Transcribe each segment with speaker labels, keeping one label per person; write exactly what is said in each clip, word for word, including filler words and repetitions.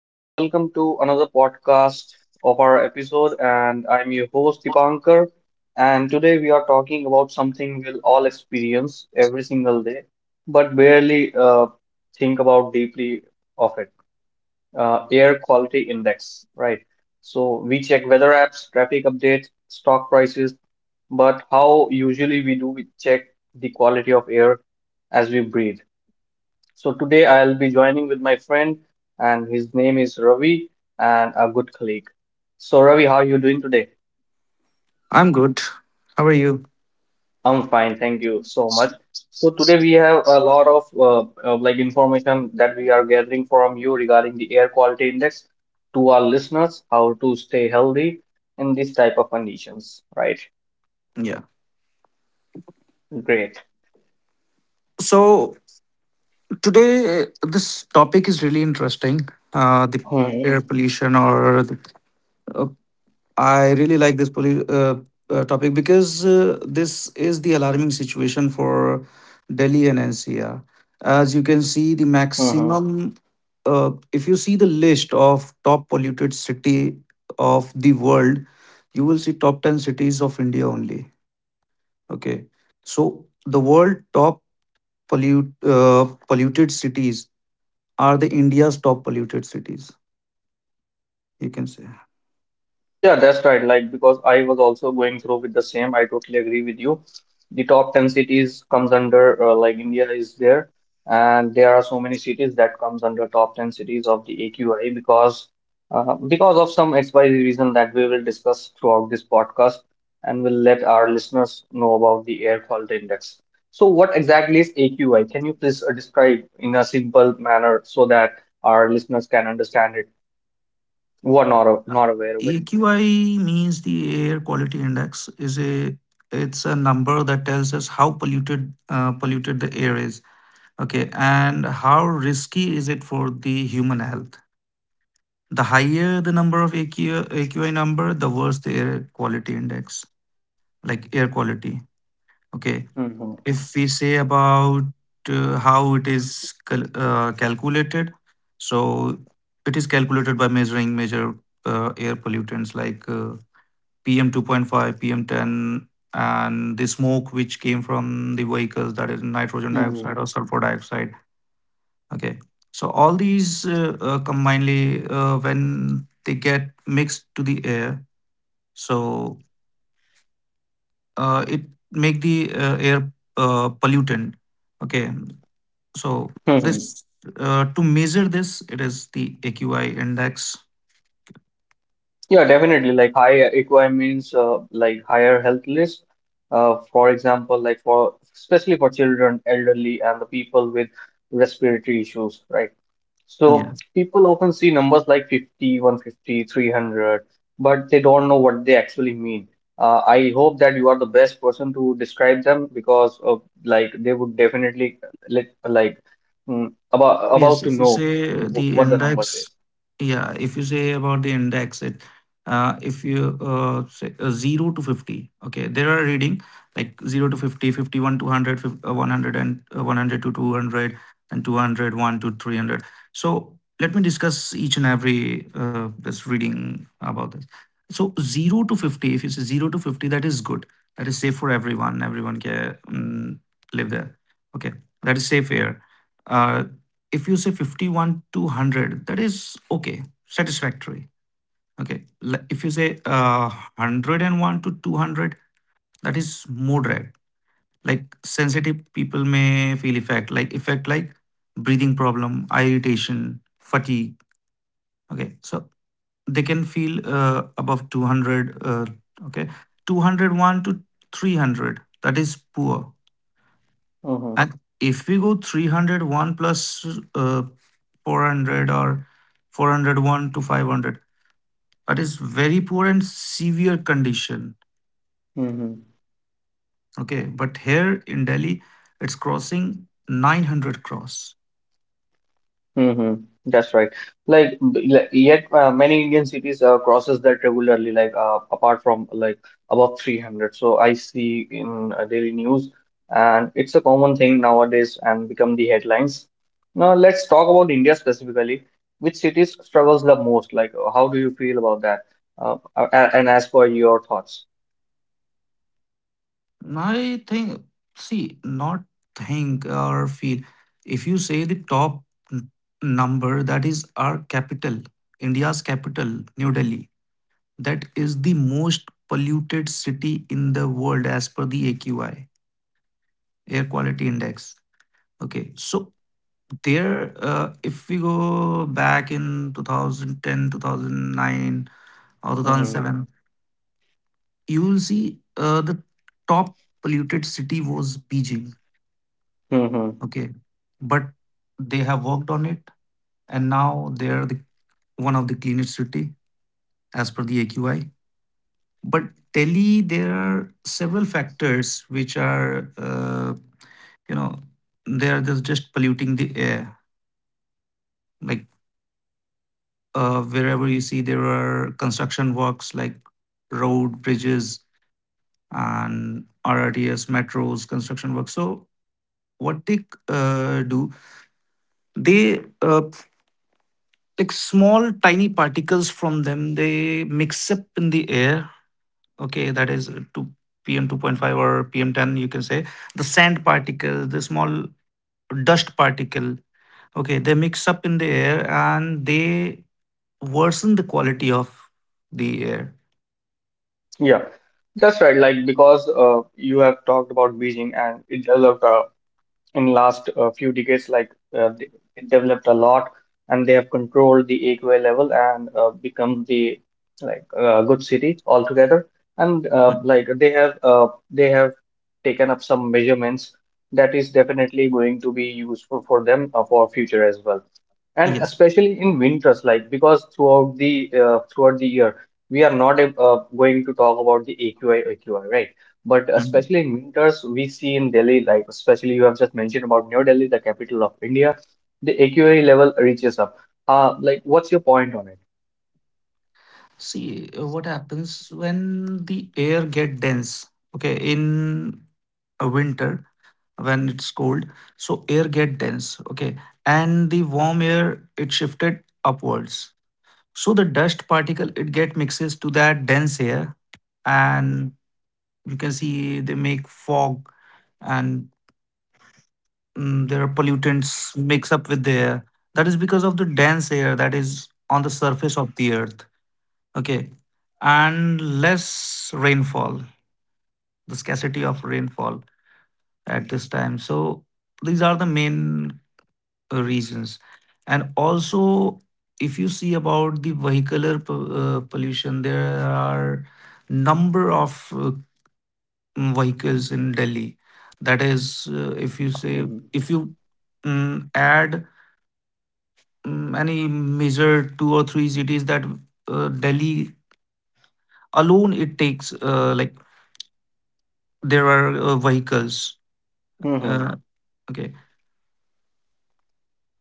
Speaker 1: and welcome to another podcast of our episode. And I'm your host Dipankar, and today we are talking about something we'll all experience every single day, but barely uh, think about deeply of it. Uh, air quality index, right? So we check weather apps, traffic updates, stock prices, but how usually we do we check the quality of air as we breathe. So today I'll be joining with my friend, and his name is Ravi, and a good colleague. So Ravi, how are you doing today?
Speaker 2: I'm good. How are you?
Speaker 1: I'm fine, thank you so much. So today we have a lot of uh, uh, like information that we are gathering from you regarding the air quality index to our listeners, how to stay healthy in this type of conditions, right?
Speaker 2: Yeah.
Speaker 1: Great.
Speaker 2: So today, this topic is really interesting. Uh, the air
Speaker 1: Mhm.
Speaker 2: pollution, or the, uh, I really like this pollu- uh, uh, topic because uh, this is the alarming situation for Delhi and N C R. As you can see, the
Speaker 1: Mhm.
Speaker 2: maximum. Uh, if you see the list of top polluted city of the world, you will see top ten cities of India only. Okay, so the world top pollute uh, polluted cities are the India's top polluted cities. You can say
Speaker 1: Yeah, that's right. Like, because I was also going through with the same. I totally agree with you. The top ten cities comes under uh, like India is there, and there are so many cities that comes under top ten cities of the A Q I because uh, because of some X Y Z reason that we will discuss throughout this podcast and will let our listeners know about the air quality index. So what exactly is A Q I? Can you please uh, describe in a simple manner so that our listeners can understand it who are not, not aware of
Speaker 2: A Q I means the air quality index is a it's a number that tells us how polluted uh, polluted the air is. Okay, and how risky is it for the human health? The higher the number of A Q I, A Q I number, the worse the air quality index, like air quality. Okay,
Speaker 1: it?
Speaker 2: if we say about uh, how it is cal- uh, calculated, so it is calculated by measuring major uh, air pollutants like uh, P M two point five, P M ten, and the smoke which came from the vehicles, that is nitrogen
Speaker 1: Mhm.
Speaker 2: dioxide or sulfur dioxide. Okay. So all these uh, uh, combinedly, uh, when they get mixed to the air, so uh, it make the uh, air uh, pollutant. Okay. So
Speaker 1: Mhm.
Speaker 2: this uh, to measure this, it is the A Q I index.
Speaker 1: Yeah, definitely. Like high equi means uh, like higher health risk. Uh, for example, like for especially for children, elderly, and the people with respiratory issues, right? So
Speaker 2: Yeah.
Speaker 1: people often see numbers like fifty, one fifty, three hundred, but they don't know what they actually mean. Uh, I hope that you are the best person to describe them because uh, like they would definitely like like mm, about about
Speaker 2: Yes,
Speaker 1: to
Speaker 2: if you
Speaker 1: know
Speaker 2: say
Speaker 1: wh-
Speaker 2: the
Speaker 1: what the numbers is.
Speaker 2: index, yeah, if you say about the index, it uh, if you uh, say uh, zero to fifty, okay, there are reading like zero to fifty, fifty one to one hundred, fif- uh, one hundred and uh, one hundred to two hundred, and two hundred one to three hundred. So let me discuss each and every uh, this reading about this. So zero to fifty, if you say zero to fifty, that is good. That is safe for everyone. Everyone can um, live there. Okay, that is safe here Uh, if you say fifty one to one hundred, that is okay, satisfactory. Okay L- If you say uh, one hundred and one to two hundred, that is moderate, like sensitive people may feel effect like effect like breathing problem, eye irritation, fatigue. Okay, so they can feel uh, above two hundred uh, okay, two hundred one to three hundred, that is poor.
Speaker 1: Mm-hmm.
Speaker 2: And if we go three hundred one plus, uh, four hundred or four hundred one to five hundred, that is very poor and severe condition.
Speaker 1: Mm-hmm.
Speaker 2: Okay. But here in Delhi, it's crossing nine hundred cross.
Speaker 1: Hmm. That's right. Like, b- like, yet uh, many Indian cities uh, crosses that regularly. Like uh, apart from like above three hundred, so I see in uh, daily news, and it's a common thing nowadays and become the headlines. Now let's talk about India specifically. Which cities struggles the most? Like, uh, how do you feel about that? Uh, a- a- and as per your thoughts.
Speaker 2: I think, see, not think or feel. If you say the top n- number, that is our capital, India's capital, New Delhi, that is the most polluted city in the world as per the A Q I, air quality index. Okay, so there, uh, if we go back in two thousand ten, two thousand nine, or
Speaker 1: Hmm.
Speaker 2: two thousand seven, you will see uh, the top polluted city was Beijing.
Speaker 1: Hmm.
Speaker 2: Okay, but they have worked on it, and now they are the, one of the cleanest city as per the AQI. But Delhi, there are several factors which are uh, you know they are just, just polluting the air, like uh, wherever you see there are construction works like road, bridges, and R R T S, metros, construction works. So what they uh, do, they uh, like small tiny particles from them, they mix up in the air. Okay, that is uh, to P M two point five or P M ten, you can say. The sand particle, the small dust particle, okay, they mix up in the air, and they worsen the quality of the air.
Speaker 1: Yeah, that's right. Like because uh, you have talked about Beijing and it developed uh, in last uh, few decades like uh, they it developed a lot and they have controlled the A Q I level and uh, become the like uh, good city altogether and uh,
Speaker 2: Hmm.
Speaker 1: like they have uh, they have taken up some measurements that is definitely going to be useful for them uh, for future as well and
Speaker 2: Yeah.
Speaker 1: especially in winters like because throughout the uh, throughout the year we are not uh, going to talk about the aqi aqi right? But
Speaker 2: Mhm.
Speaker 1: especially in winters we see in Delhi, like especially you have just mentioned about New Delhi, the capital of India, the AQI level reaches up. uh like what's your point on it?
Speaker 2: See uh, what happens when the air get dense. Okay, in a winter, when it's cold, so air get dense. Okay, and the warm air it shifted upwards. So the dust particle it get mixes to that dense air, and you can see they make fog, and mm, there are pollutants mix up with the air. That is because of the dense air that is on the surface of the earth. Okay. And less rainfall, the scarcity of rainfall at this time. So these are the main uh, reasons. And also, if you see about the vehicular po- uh, pollution, there are number of uh, vehicles in Delhi. That is, uh, if you say, if you mm, add mm, any major two or three cities that uh, Delhi alone it takes uh, like there are uh, vehicles.
Speaker 1: Mhm.
Speaker 2: Uh, okay.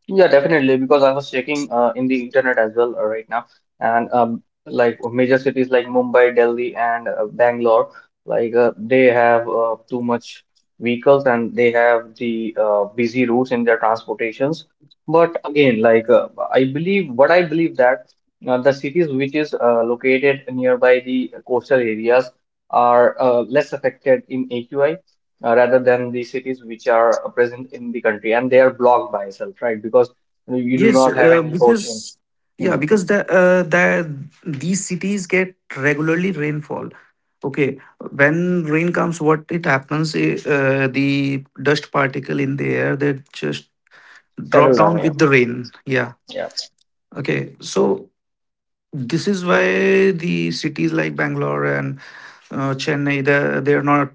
Speaker 1: Yeah, definitely. Because I was checking uh, in the internet as well uh, right now, and um, like major cities like Mumbai, Delhi, and uh, Bangalore, like uh, they have uh, too much vehicles and they have the uh, busy routes in their transportations. But again, like uh, I believe, what I believe that uh, the cities which is uh, located nearby the coastal areas are uh, less affected in A Q I uh, rather than the cities which are uh, present in the country and they are blocked by itself, right? Because you do
Speaker 2: Yes,
Speaker 1: not have
Speaker 2: uh,
Speaker 1: any ocean.
Speaker 2: because yeah,
Speaker 1: Mhm.
Speaker 2: because the uh, the these cities get regularly rainfall. Okay, when rain comes, what it happens? I- Uh, the dust particle in the air they just drop
Speaker 1: Settle down,
Speaker 2: down with the rain. Yeah.
Speaker 1: yeah.
Speaker 2: Okay. So this is why the cities like Bangalore and uh, Chennai, they they are not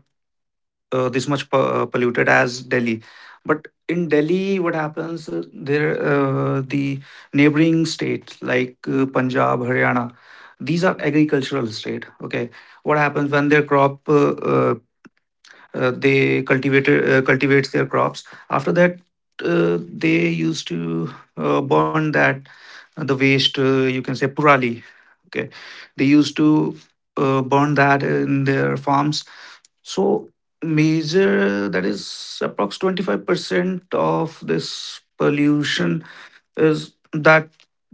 Speaker 2: uh, this much pu- uh, polluted as Delhi. But in Delhi, what happens? uh, There, uh, the neighboring states like uh, Punjab, Haryana, these are agricultural state. Okay, what happens when their crop uh, uh, uh, they cultivated uh, cultivates their crops. After that, uh, they used to uh, burn that uh, the waste, uh, you can say purali. Okay, they used to uh, burn that in their farms. So major that is approx twenty-five percent of this pollution is that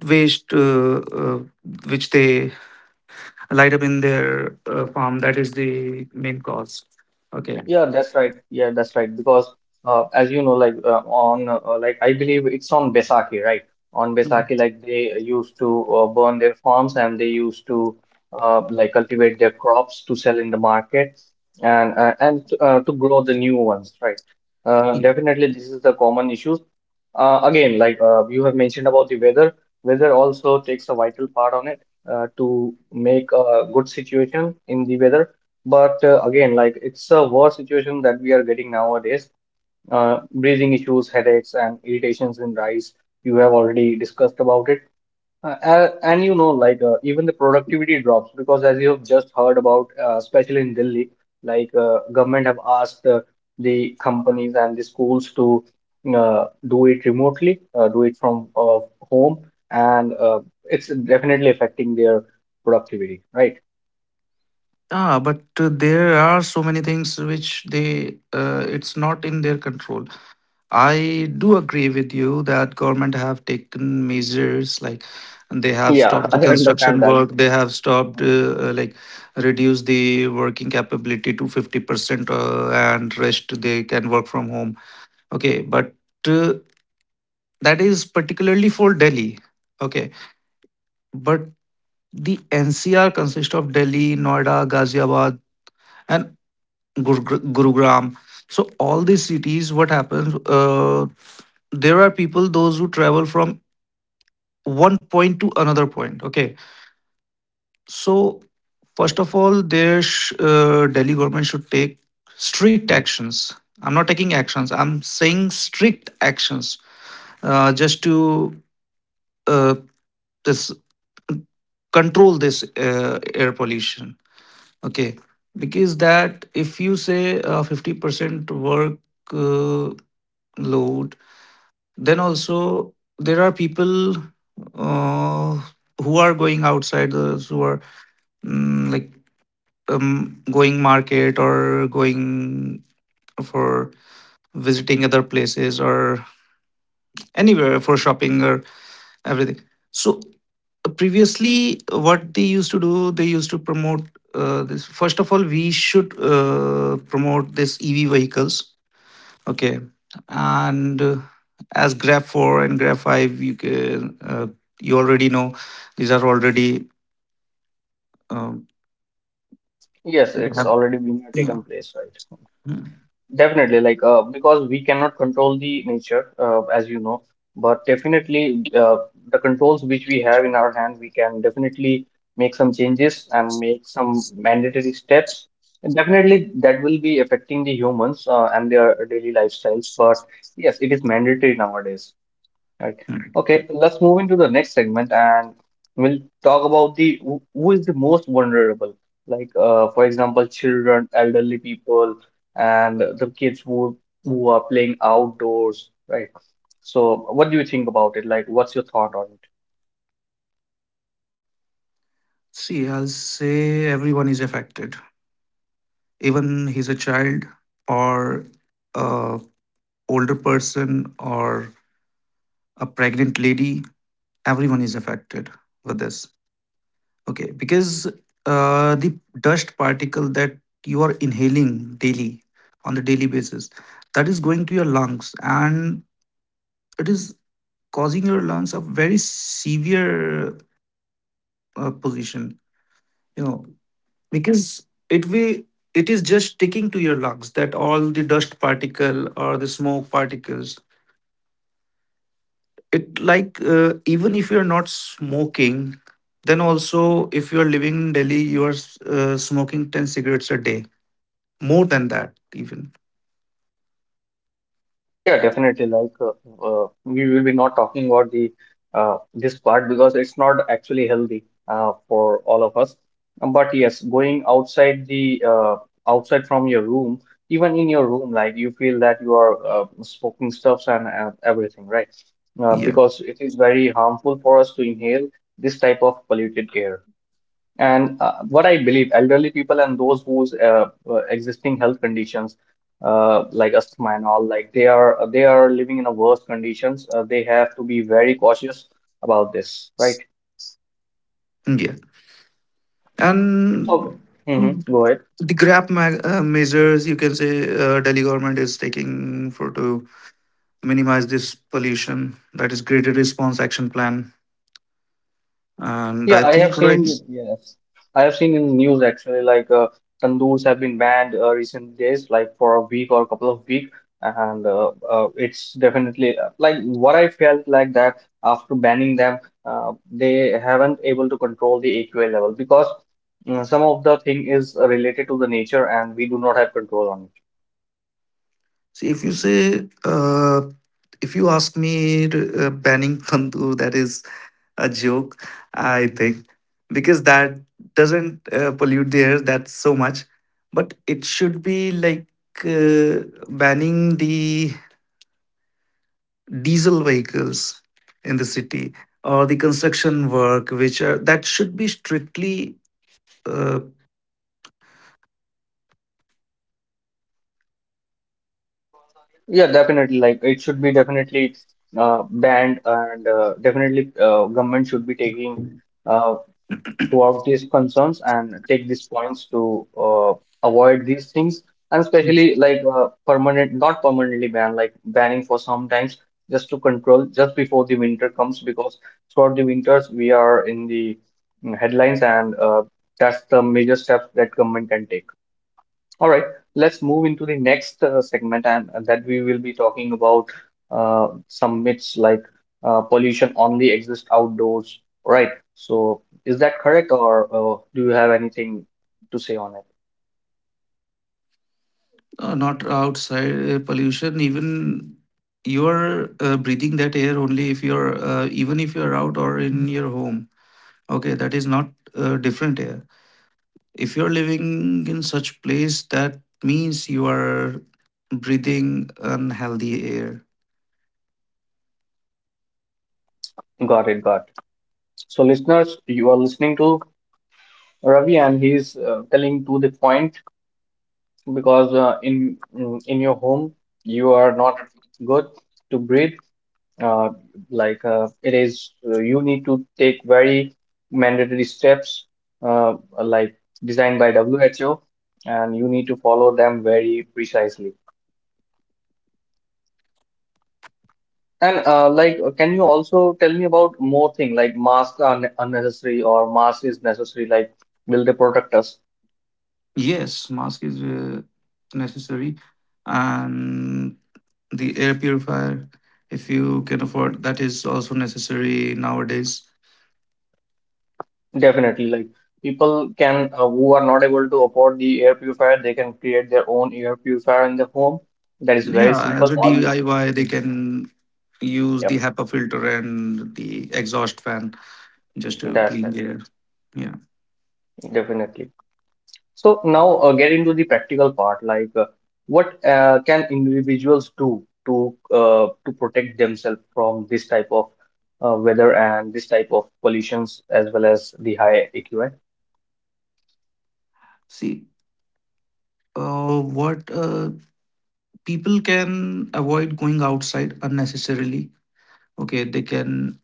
Speaker 2: waste, uh, uh, which they light up in their uh, farm, that is the main cause. Okay.
Speaker 1: Yeah, that's right. Yeah, that's right. Because uh, as you know, like uh, on uh, like I believe it's on Besaki, right? On Besaki, like they used to uh, burn their farms and they used to uh, like cultivate their crops to sell in the market and uh, and uh, to grow the new ones, right? Uh,
Speaker 2: Mhm.
Speaker 1: definitely, this is the common issue. Uh, again, like uh, you have mentioned about the weather, weather also takes a vital part on it uh, to make a good situation in the weather, but uh, again, like it's a worse situation that we are getting nowadays. Uh, breathing issues, headaches, and irritations in rice. You have already discussed about it. Uh, a- and you know, like uh, even the productivity drops because as you have just heard about, uh, especially in Delhi, like uh, government have asked uh, the companies and the schools to uh, do it remotely, uh, do it from uh, home, and uh, it's definitely affecting their productivity, right?
Speaker 2: Ah, but uh, there are so many things which they uh, it's not in their control. I do agree with you that government have taken measures like they have
Speaker 1: Yeah,
Speaker 2: stopped the
Speaker 1: I understand
Speaker 2: construction
Speaker 1: that.
Speaker 2: work, they have stopped uh, uh, like reduce the working capability to fifty percent uh, and rest they can work from home. Okay, but uh, that is particularly for Delhi. Okay, but the N C R consists of Delhi, Noida, Ghaziabad, and Gur- Gurugram. So all these cities, what happens? Uh, there are people those who travel from one point to another point. Okay, so first of all, their sh- uh, Delhi government should take strict actions. I'm not taking actions, I'm saying strict actions, uh, just to uh, this control this uh, air pollution. Okay, because that if you say uh, fifty percent work, uh, load. Then also there are people uh, who are going outside, those who are mm, like um, going market or going for visiting other places or anywhere for shopping or everything. So previously, what they used to do, they used to promote uh, this. First of all, we should uh, promote this E V vehicles. Okay. And uh, as graph four and graph five, you can, uh, you already know these are already, uh,
Speaker 1: Yes,
Speaker 2: they
Speaker 1: it's
Speaker 2: have,
Speaker 1: already been uh,
Speaker 2: yeah.
Speaker 1: taken place, right?
Speaker 2: Hmm.
Speaker 1: Definitely, like uh, because we cannot control the nature, uh, as you know, but definitely uh, the controls which we have in our hand, we can definitely make some changes and make some mandatory steps. And definitely, that will be affecting the humans uh, and their daily lifestyles. But yes, it is mandatory nowadays. Right.
Speaker 2: Hmm.
Speaker 1: Okay, let's move into the next segment and we'll talk about the who who is the most vulnerable. Like uh, for example, children, elderly people, and the kids who who are playing outdoors, right? So what do you think about it? Like what's your thought on it?
Speaker 2: See, I'll say everyone is affected. Even he's a child or a older person or a pregnant lady, everyone is affected with this. Okay, because uh, the dust particle that you are inhaling daily, on the daily basis, that is going to your lungs and it is causing your lungs a very severe uh, position, you know, because it will it is just sticking to your lungs, that all the dust particle or the smoke particles. It like uh, even if you're not smoking, then also if you're living in Delhi, you are uh, smoking ten cigarettes a day, more than that even.
Speaker 1: Yeah, definitely. Like, uh, uh, we will be not talking about the uh, this part because it's not actually healthy uh, for all of us. But yes, going outside the uh, outside from your room, even in your room, like you feel that you are uh, smoking stuffs and uh, everything, right? Uh,
Speaker 2: Yeah,
Speaker 1: because it is very harmful for us to inhale this type of polluted air. And uh, what I believe, elderly people and those whose uh, uh, existing health conditions, uh, like asthma and all, like they are they are living in a worse conditions. Uh, they have to be very cautious about this, right?
Speaker 2: yeah. And
Speaker 1: Oh,
Speaker 2: mm,
Speaker 1: mm-hmm. Go ahead.
Speaker 2: the grab ma- uh, measures you can say, uh, Delhi government is taking for to minimize this pollution, that is Greater Response Action Plan. And I
Speaker 1: Yeah, I have
Speaker 2: think, right?
Speaker 1: seen, yes. I have seen in news actually like uh, tandoors have been banned uh, recent days, like for a week or a couple of week, and uh, uh, it's definitely uh, like what I felt like that after banning them, uh, they haven't able to control the A Q I level because uh, some of the thing is related to the nature and we do not have control on it.
Speaker 2: See, if you say uh, if you ask me to, uh, banning tandoor, that is a joke, I think, because that doesn't uh, pollute the air that so much. But it should be like, uh, banning the diesel vehicles in the city or the construction work, which are that should be strictly, uh,
Speaker 1: Yeah, definitely. Like it should be definitely uh, banned and uh, definitely uh, government should be taking. uh, throughout these concerns and take these points to uh, avoid these things, and especially like uh, permanent not permanently ban, like banning for some times just to control just before the winter comes because throughout the winters we are in the mm, headlines, and uh, that's the major step that government can take. All right, let's move into the next uh, segment, and uh, that we will be talking about uh, some myths like uh, pollution only exists outdoors, right? So, is that correct, or uh, do you have anything to say on it?
Speaker 2: uh, not outside uh, pollution. Even you're uh, breathing that air only. If you're uh, even if you're out or in your home. Okay, that is not uh, different air. If you're living in such place that means you are breathing unhealthy air.
Speaker 1: Got it, got it. So, listeners, you are listening to Ravi, and he's uh, telling to the point because uh, in mm, in your home you are not good to breathe. Uh, like uh, it is uh, you need to take very mandatory steps uh, like designed by W H O, and you need to follow them very precisely. And uh, like uh, can you also tell me about more thing, like masks are ne- unnecessary or mask is necessary, like will they protect us?
Speaker 2: Yes, mask is uh, necessary, and the air purifier, if you can afford, that is also necessary nowadays.
Speaker 1: Definitely, like people can uh, who are not able to afford the air purifier, they can create their own air purifier in the home. That is very
Speaker 2: Yeah,
Speaker 1: simple,
Speaker 2: as a
Speaker 1: all you...
Speaker 2: DIY they
Speaker 1: Mm,
Speaker 2: can use the
Speaker 1: yep,
Speaker 2: HEPA filter and the exhaust fan just to
Speaker 1: that's...
Speaker 2: clean the air. Yeah,
Speaker 1: Definitely. So now uh, get into the practical part, like uh, what uh, can individuals do to uh, to protect themselves from this type of uh, weather and this type of pollutions as well as the high A Q I?
Speaker 2: see uh, what uh, people can avoid going outside unnecessarily. Okay, they can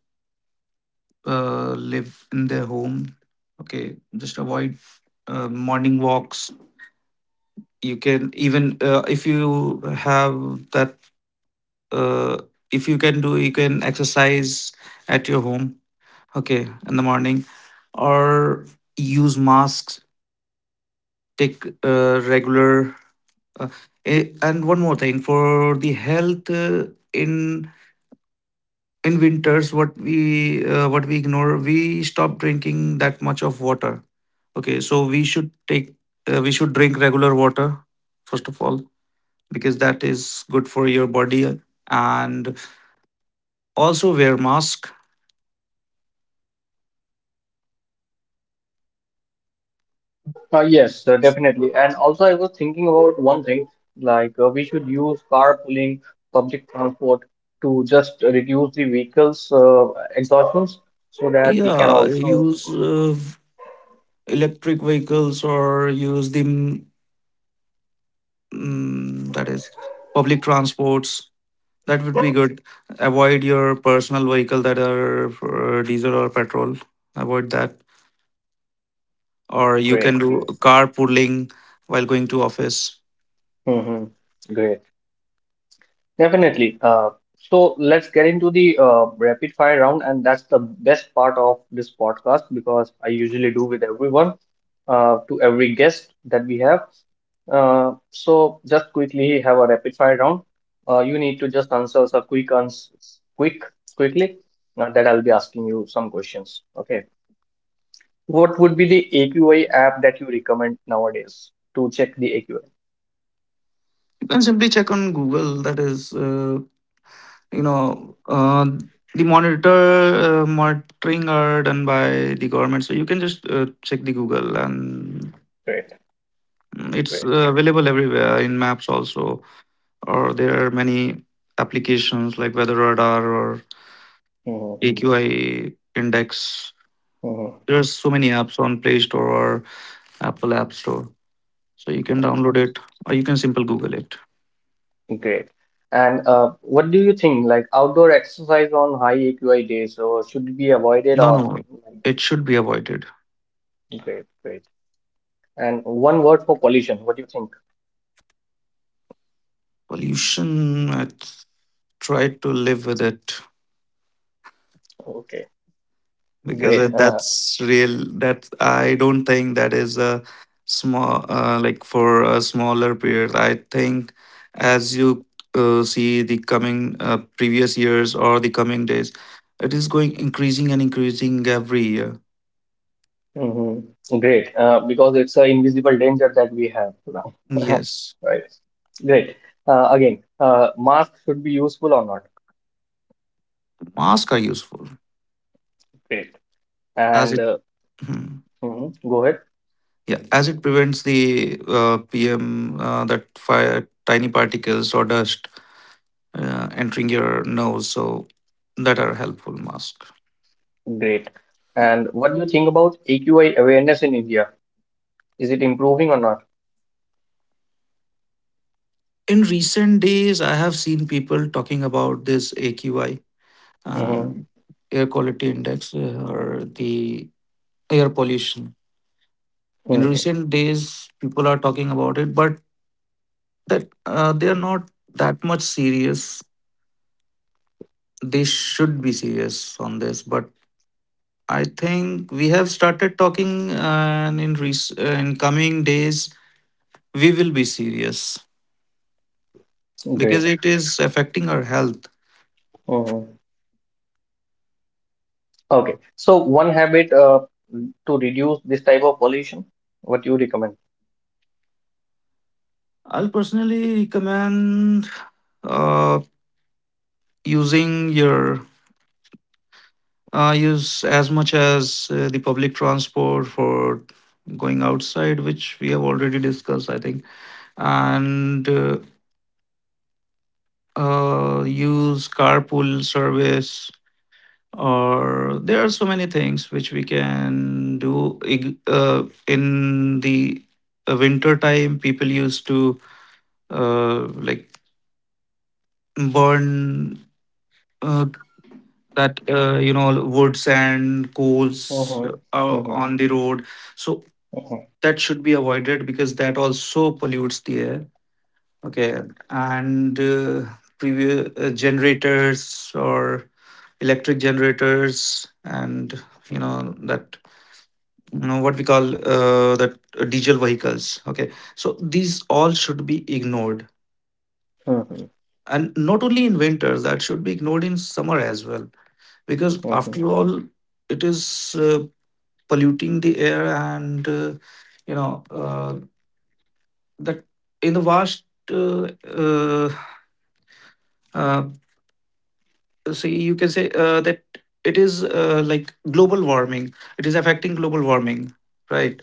Speaker 2: uh, live in their home. Okay, just avoid uh, morning walks. You can even, uh, if you have that uh, if you can do, you can exercise at your home. Okay, in the morning, or use masks. Take, uh, regular uh, a- and one more thing for the health uh, in in winters, what we uh, what we ignore, we stop drinking that much of water. Okay, so we should take uh, we should drink regular water first of all, because that is good for your body. And also wear mask.
Speaker 1: Uh, yes, uh, definitely. And also, I was thinking about one thing, like uh, we should use carpooling, public transport to just reduce the vehicles' uh, exhaustions so that it can
Speaker 2: Yeah,
Speaker 1: also...
Speaker 2: use uh, electric vehicles, or use the mm, that is public transports, that would be good. Avoid your personal vehicle that are for, uh, diesel or petrol. Avoid that, or you
Speaker 1: great.
Speaker 2: can do carpooling while going to office.
Speaker 1: Mm-hmm. Great. Definitely. Uh, so let's get into the uh, rapid fire round, and that's the best part of this podcast because I usually do with everyone, uh, to every guest that we have. Uh, so just quickly have a rapid fire round. Uh, you need to just answer some quick ans quick quickly. Uh, that I'll be asking you some questions. Okay. What would be the A Q I app that you recommend nowadays to check the A Q I?
Speaker 2: You can simply check on Google. That is, uh, you know, uh, the monitor uh, monitoring are done by the government, so you can just uh, check the Google, and
Speaker 1: Great,
Speaker 2: mm, it's
Speaker 1: great.
Speaker 2: uh, available everywhere in maps also, or there are many applications like Weather Radar or
Speaker 1: Mhm,
Speaker 2: A Q I Index.
Speaker 1: mhm.
Speaker 2: There are so many apps on Play Store or Apple App Store, so you can download it or you can simple Google it.
Speaker 1: Great. And uh, what do you think? Like outdoor exercise on high A Q I days, or should be avoided
Speaker 2: No,
Speaker 1: or
Speaker 2: no, it should be avoided.
Speaker 1: great, great. And one word for pollution. What do you think?
Speaker 2: Pollution, I th- Try to live with it
Speaker 1: Okay,
Speaker 2: because
Speaker 1: great.
Speaker 2: it-
Speaker 1: Uh,
Speaker 2: that's real. That I don't think that is a small, uh, like for a smaller period. I think as you uh, see the coming uh, previous years or the coming days, it is going increasing and increasing every year.
Speaker 1: mhm. Great. Uh, because it's an invisible danger that we have now.
Speaker 2: Yes,
Speaker 1: Right. Great. Uh, again, uh, mask should be useful or not?
Speaker 2: masks are useful
Speaker 1: Great.
Speaker 2: as
Speaker 1: And
Speaker 2: it.
Speaker 1: uh,
Speaker 2: hmm.
Speaker 1: mhm, go ahead.
Speaker 2: Yeah, as it prevents the uh, P M uh, that fire tiny particles or dust uh, entering your nose, so that are helpful mask.
Speaker 1: Great. And what do you think about A Q I awareness in India? Is it improving or not?
Speaker 2: In recent days, I have seen people talking about this A Q I
Speaker 1: Mm-hmm.
Speaker 2: and air quality index uh, or the air pollution. In recent days, people are talking about it, but that uh, they are not that much serious. They should be serious on this, but I think we have started talking, uh, and in rec- uh, in coming days, we will be serious because
Speaker 1: Great.
Speaker 2: it is affecting our health.
Speaker 1: Mhm. Okay. So one habit uh, to reduce this type of pollution, what you recommend?
Speaker 2: I'll personally recommend uh, using your uh, use as much as uh, the public transport for going outside, which we have already discussed, I think, and uh, uh, use carpool service, or there are so many things which we can do Ig- uh, in the uh, winter time people used to uh, like burn uh, that uh, you know, woods and coals
Speaker 1: Mm-hmm.
Speaker 2: uh, on the road, so
Speaker 1: Mm-hmm.
Speaker 2: that should be avoided because that also pollutes the air. Okay, and uh, previous uh, generators or electric generators, and you know that uh, what we call, uh, that uh, diesel vehicles. Okay, so these all should be ignored, and not only in winter, that should be ignored in summer as well, because
Speaker 1: Mm-hmm.
Speaker 2: after all it is uh, polluting the air, and uh, you know uh, that in the vast, uh, uh, uh, see, you can say uh, that it is uh, like global warming. It is affecting global warming, right?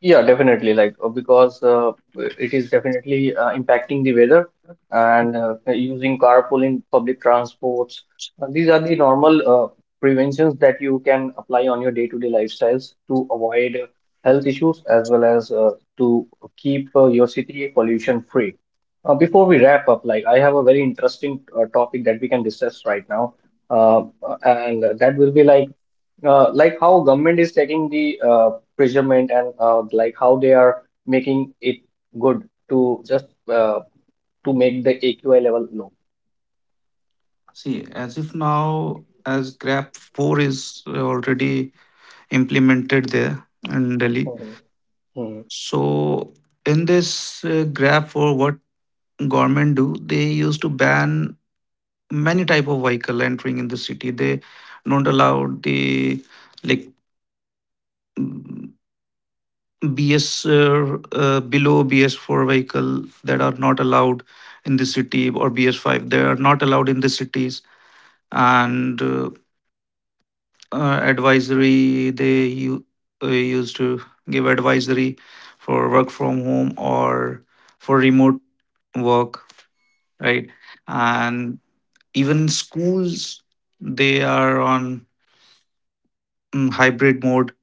Speaker 1: Yeah, definitely. Like uh, because uh, it is definitely uh, impacting the weather and uh, using carpooling, public transports. Uh, these are the normal uh, preventions that you can apply on your day-to-day lifestyles to avoid uh, health issues as well as uh, to keep uh, your city pollution free. Uh, before we wrap up, like I have a very interesting uh, topic that we can discuss right now, uh, and that will be like uh, like how government is taking the uh, measurement and uh, like how they are making it good to just uh, to make the A Q I level low.
Speaker 2: See, as if now, as Grab four is already implemented there in Delhi.
Speaker 1: Hmm. Mhm.
Speaker 2: So, in this uh, Grab four, what government do? They used to ban many type of vehicle entering in the city. They don't allow the, like, mm, B S uh, uh, below B S four vehicle that are not allowed in the city, or B S five. They are not allowed in the cities, and. uh, uh, advisory, they u- uh, used to give advisory for work from home or for remote work, right? And even schools, they are on mm, hybrid mode,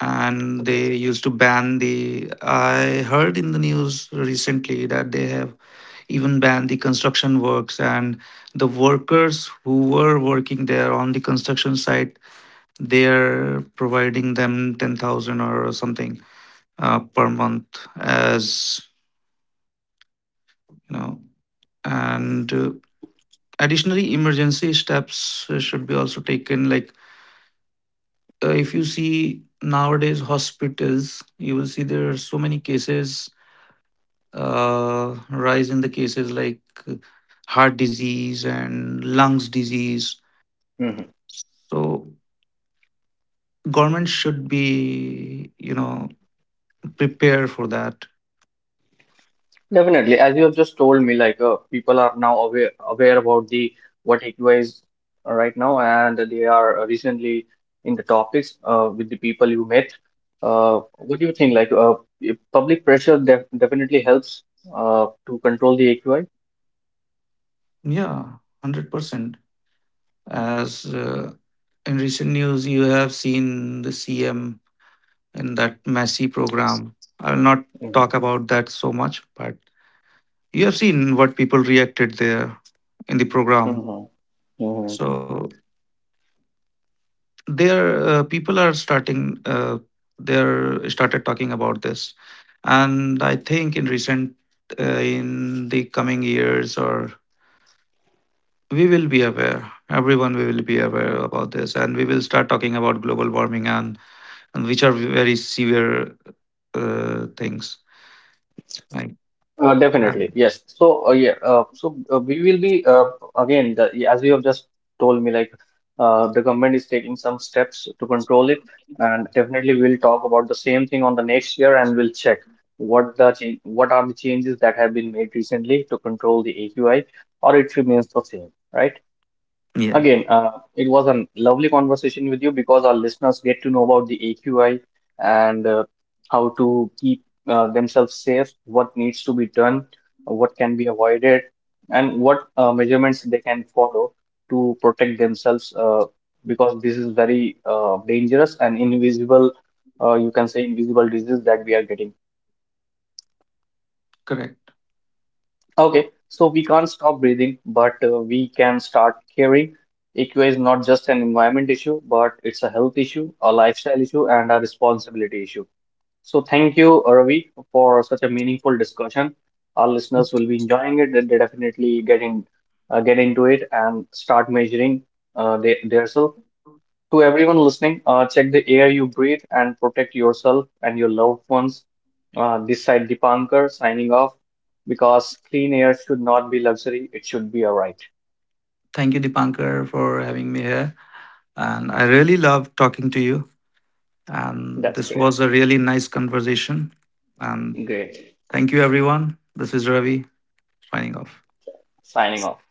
Speaker 2: and
Speaker 1: Okay.
Speaker 2: they used to ban the, I heard in the news recently that they have even banned the construction works, and the workers who were working there on the construction site, they're providing them ten thousand or something uh, per month, as you know. And uh, additionally, emergency steps uh, should be also taken. Like, uh, if you see nowadays hospitals, you will see there are so many cases, uh, rise in the cases, like uh, heart disease and lungs disease.
Speaker 1: Mhm.
Speaker 2: So government should be, you know, prepare for that.
Speaker 1: Definitely, as you have just told me, like uh, people are now aware aware about the what A Q I is uh, right now, and they are uh, recently in the topics uh, with the people you met. Uh, what do you think? Like uh, if public pressure def definitely helps uh, to control the A Q I.
Speaker 2: Yeah, one hundred percent. As uh, in recent news, you have seen the C M in that Messi program. I will not
Speaker 1: Mm-hmm.
Speaker 2: talk about that so much, but you have seen what people reacted there in the program.
Speaker 1: Mm-hmm.
Speaker 2: So there, uh, people are starting. Uh, they started talking about this, and I think in recent, uh, in the coming years, or we will be aware. Everyone, we will be aware about this, and we will start talking about global warming, and and which are very severe uh, things. Like,
Speaker 1: Uh,
Speaker 2: um,
Speaker 1: definitely, yes. So, uh, yeah, uh, so uh, we will be uh, again, the, as you have just told me, like uh, the government is taking some steps to control it, and definitely we'll talk about the same thing on the next year, and we'll check what the cha- what are the changes that have been made recently to control the A Q I, or it remains the same, right?
Speaker 2: yeah,
Speaker 1: Again, uh, it was a lovely conversation with you because our listeners get to know about the A Q I and uh, how to keep uh, themselves safe, what needs to be done, what can be avoided, and what uh, measurements they can follow to protect themselves uh, because this is very uh, dangerous and invisible, uh, you can say invisible disease that we are getting.
Speaker 2: correct.
Speaker 1: Okay, so we can't stop breathing, but uh, we can start caring. A Q I is not just an environment issue, but it's a health issue, a lifestyle issue, and a responsibility issue. So thank you, Ravi, for such a meaningful discussion. Our listeners will be enjoying it. And They definitely get in, uh, get into it and start measuring uh, their, their self to everyone listening, uh, check the air you breathe and protect yourself and your loved ones. Uh, this side Dipankar signing off because clean air should not be luxury, it should be a right.
Speaker 2: Thank you, Dipankar, for having me here. And I really love talking to you. And
Speaker 1: That's
Speaker 2: this
Speaker 1: great.
Speaker 2: was a really nice conversation. And
Speaker 1: Great.
Speaker 2: thank you, everyone. This is Ravi signing off.
Speaker 1: Signing off.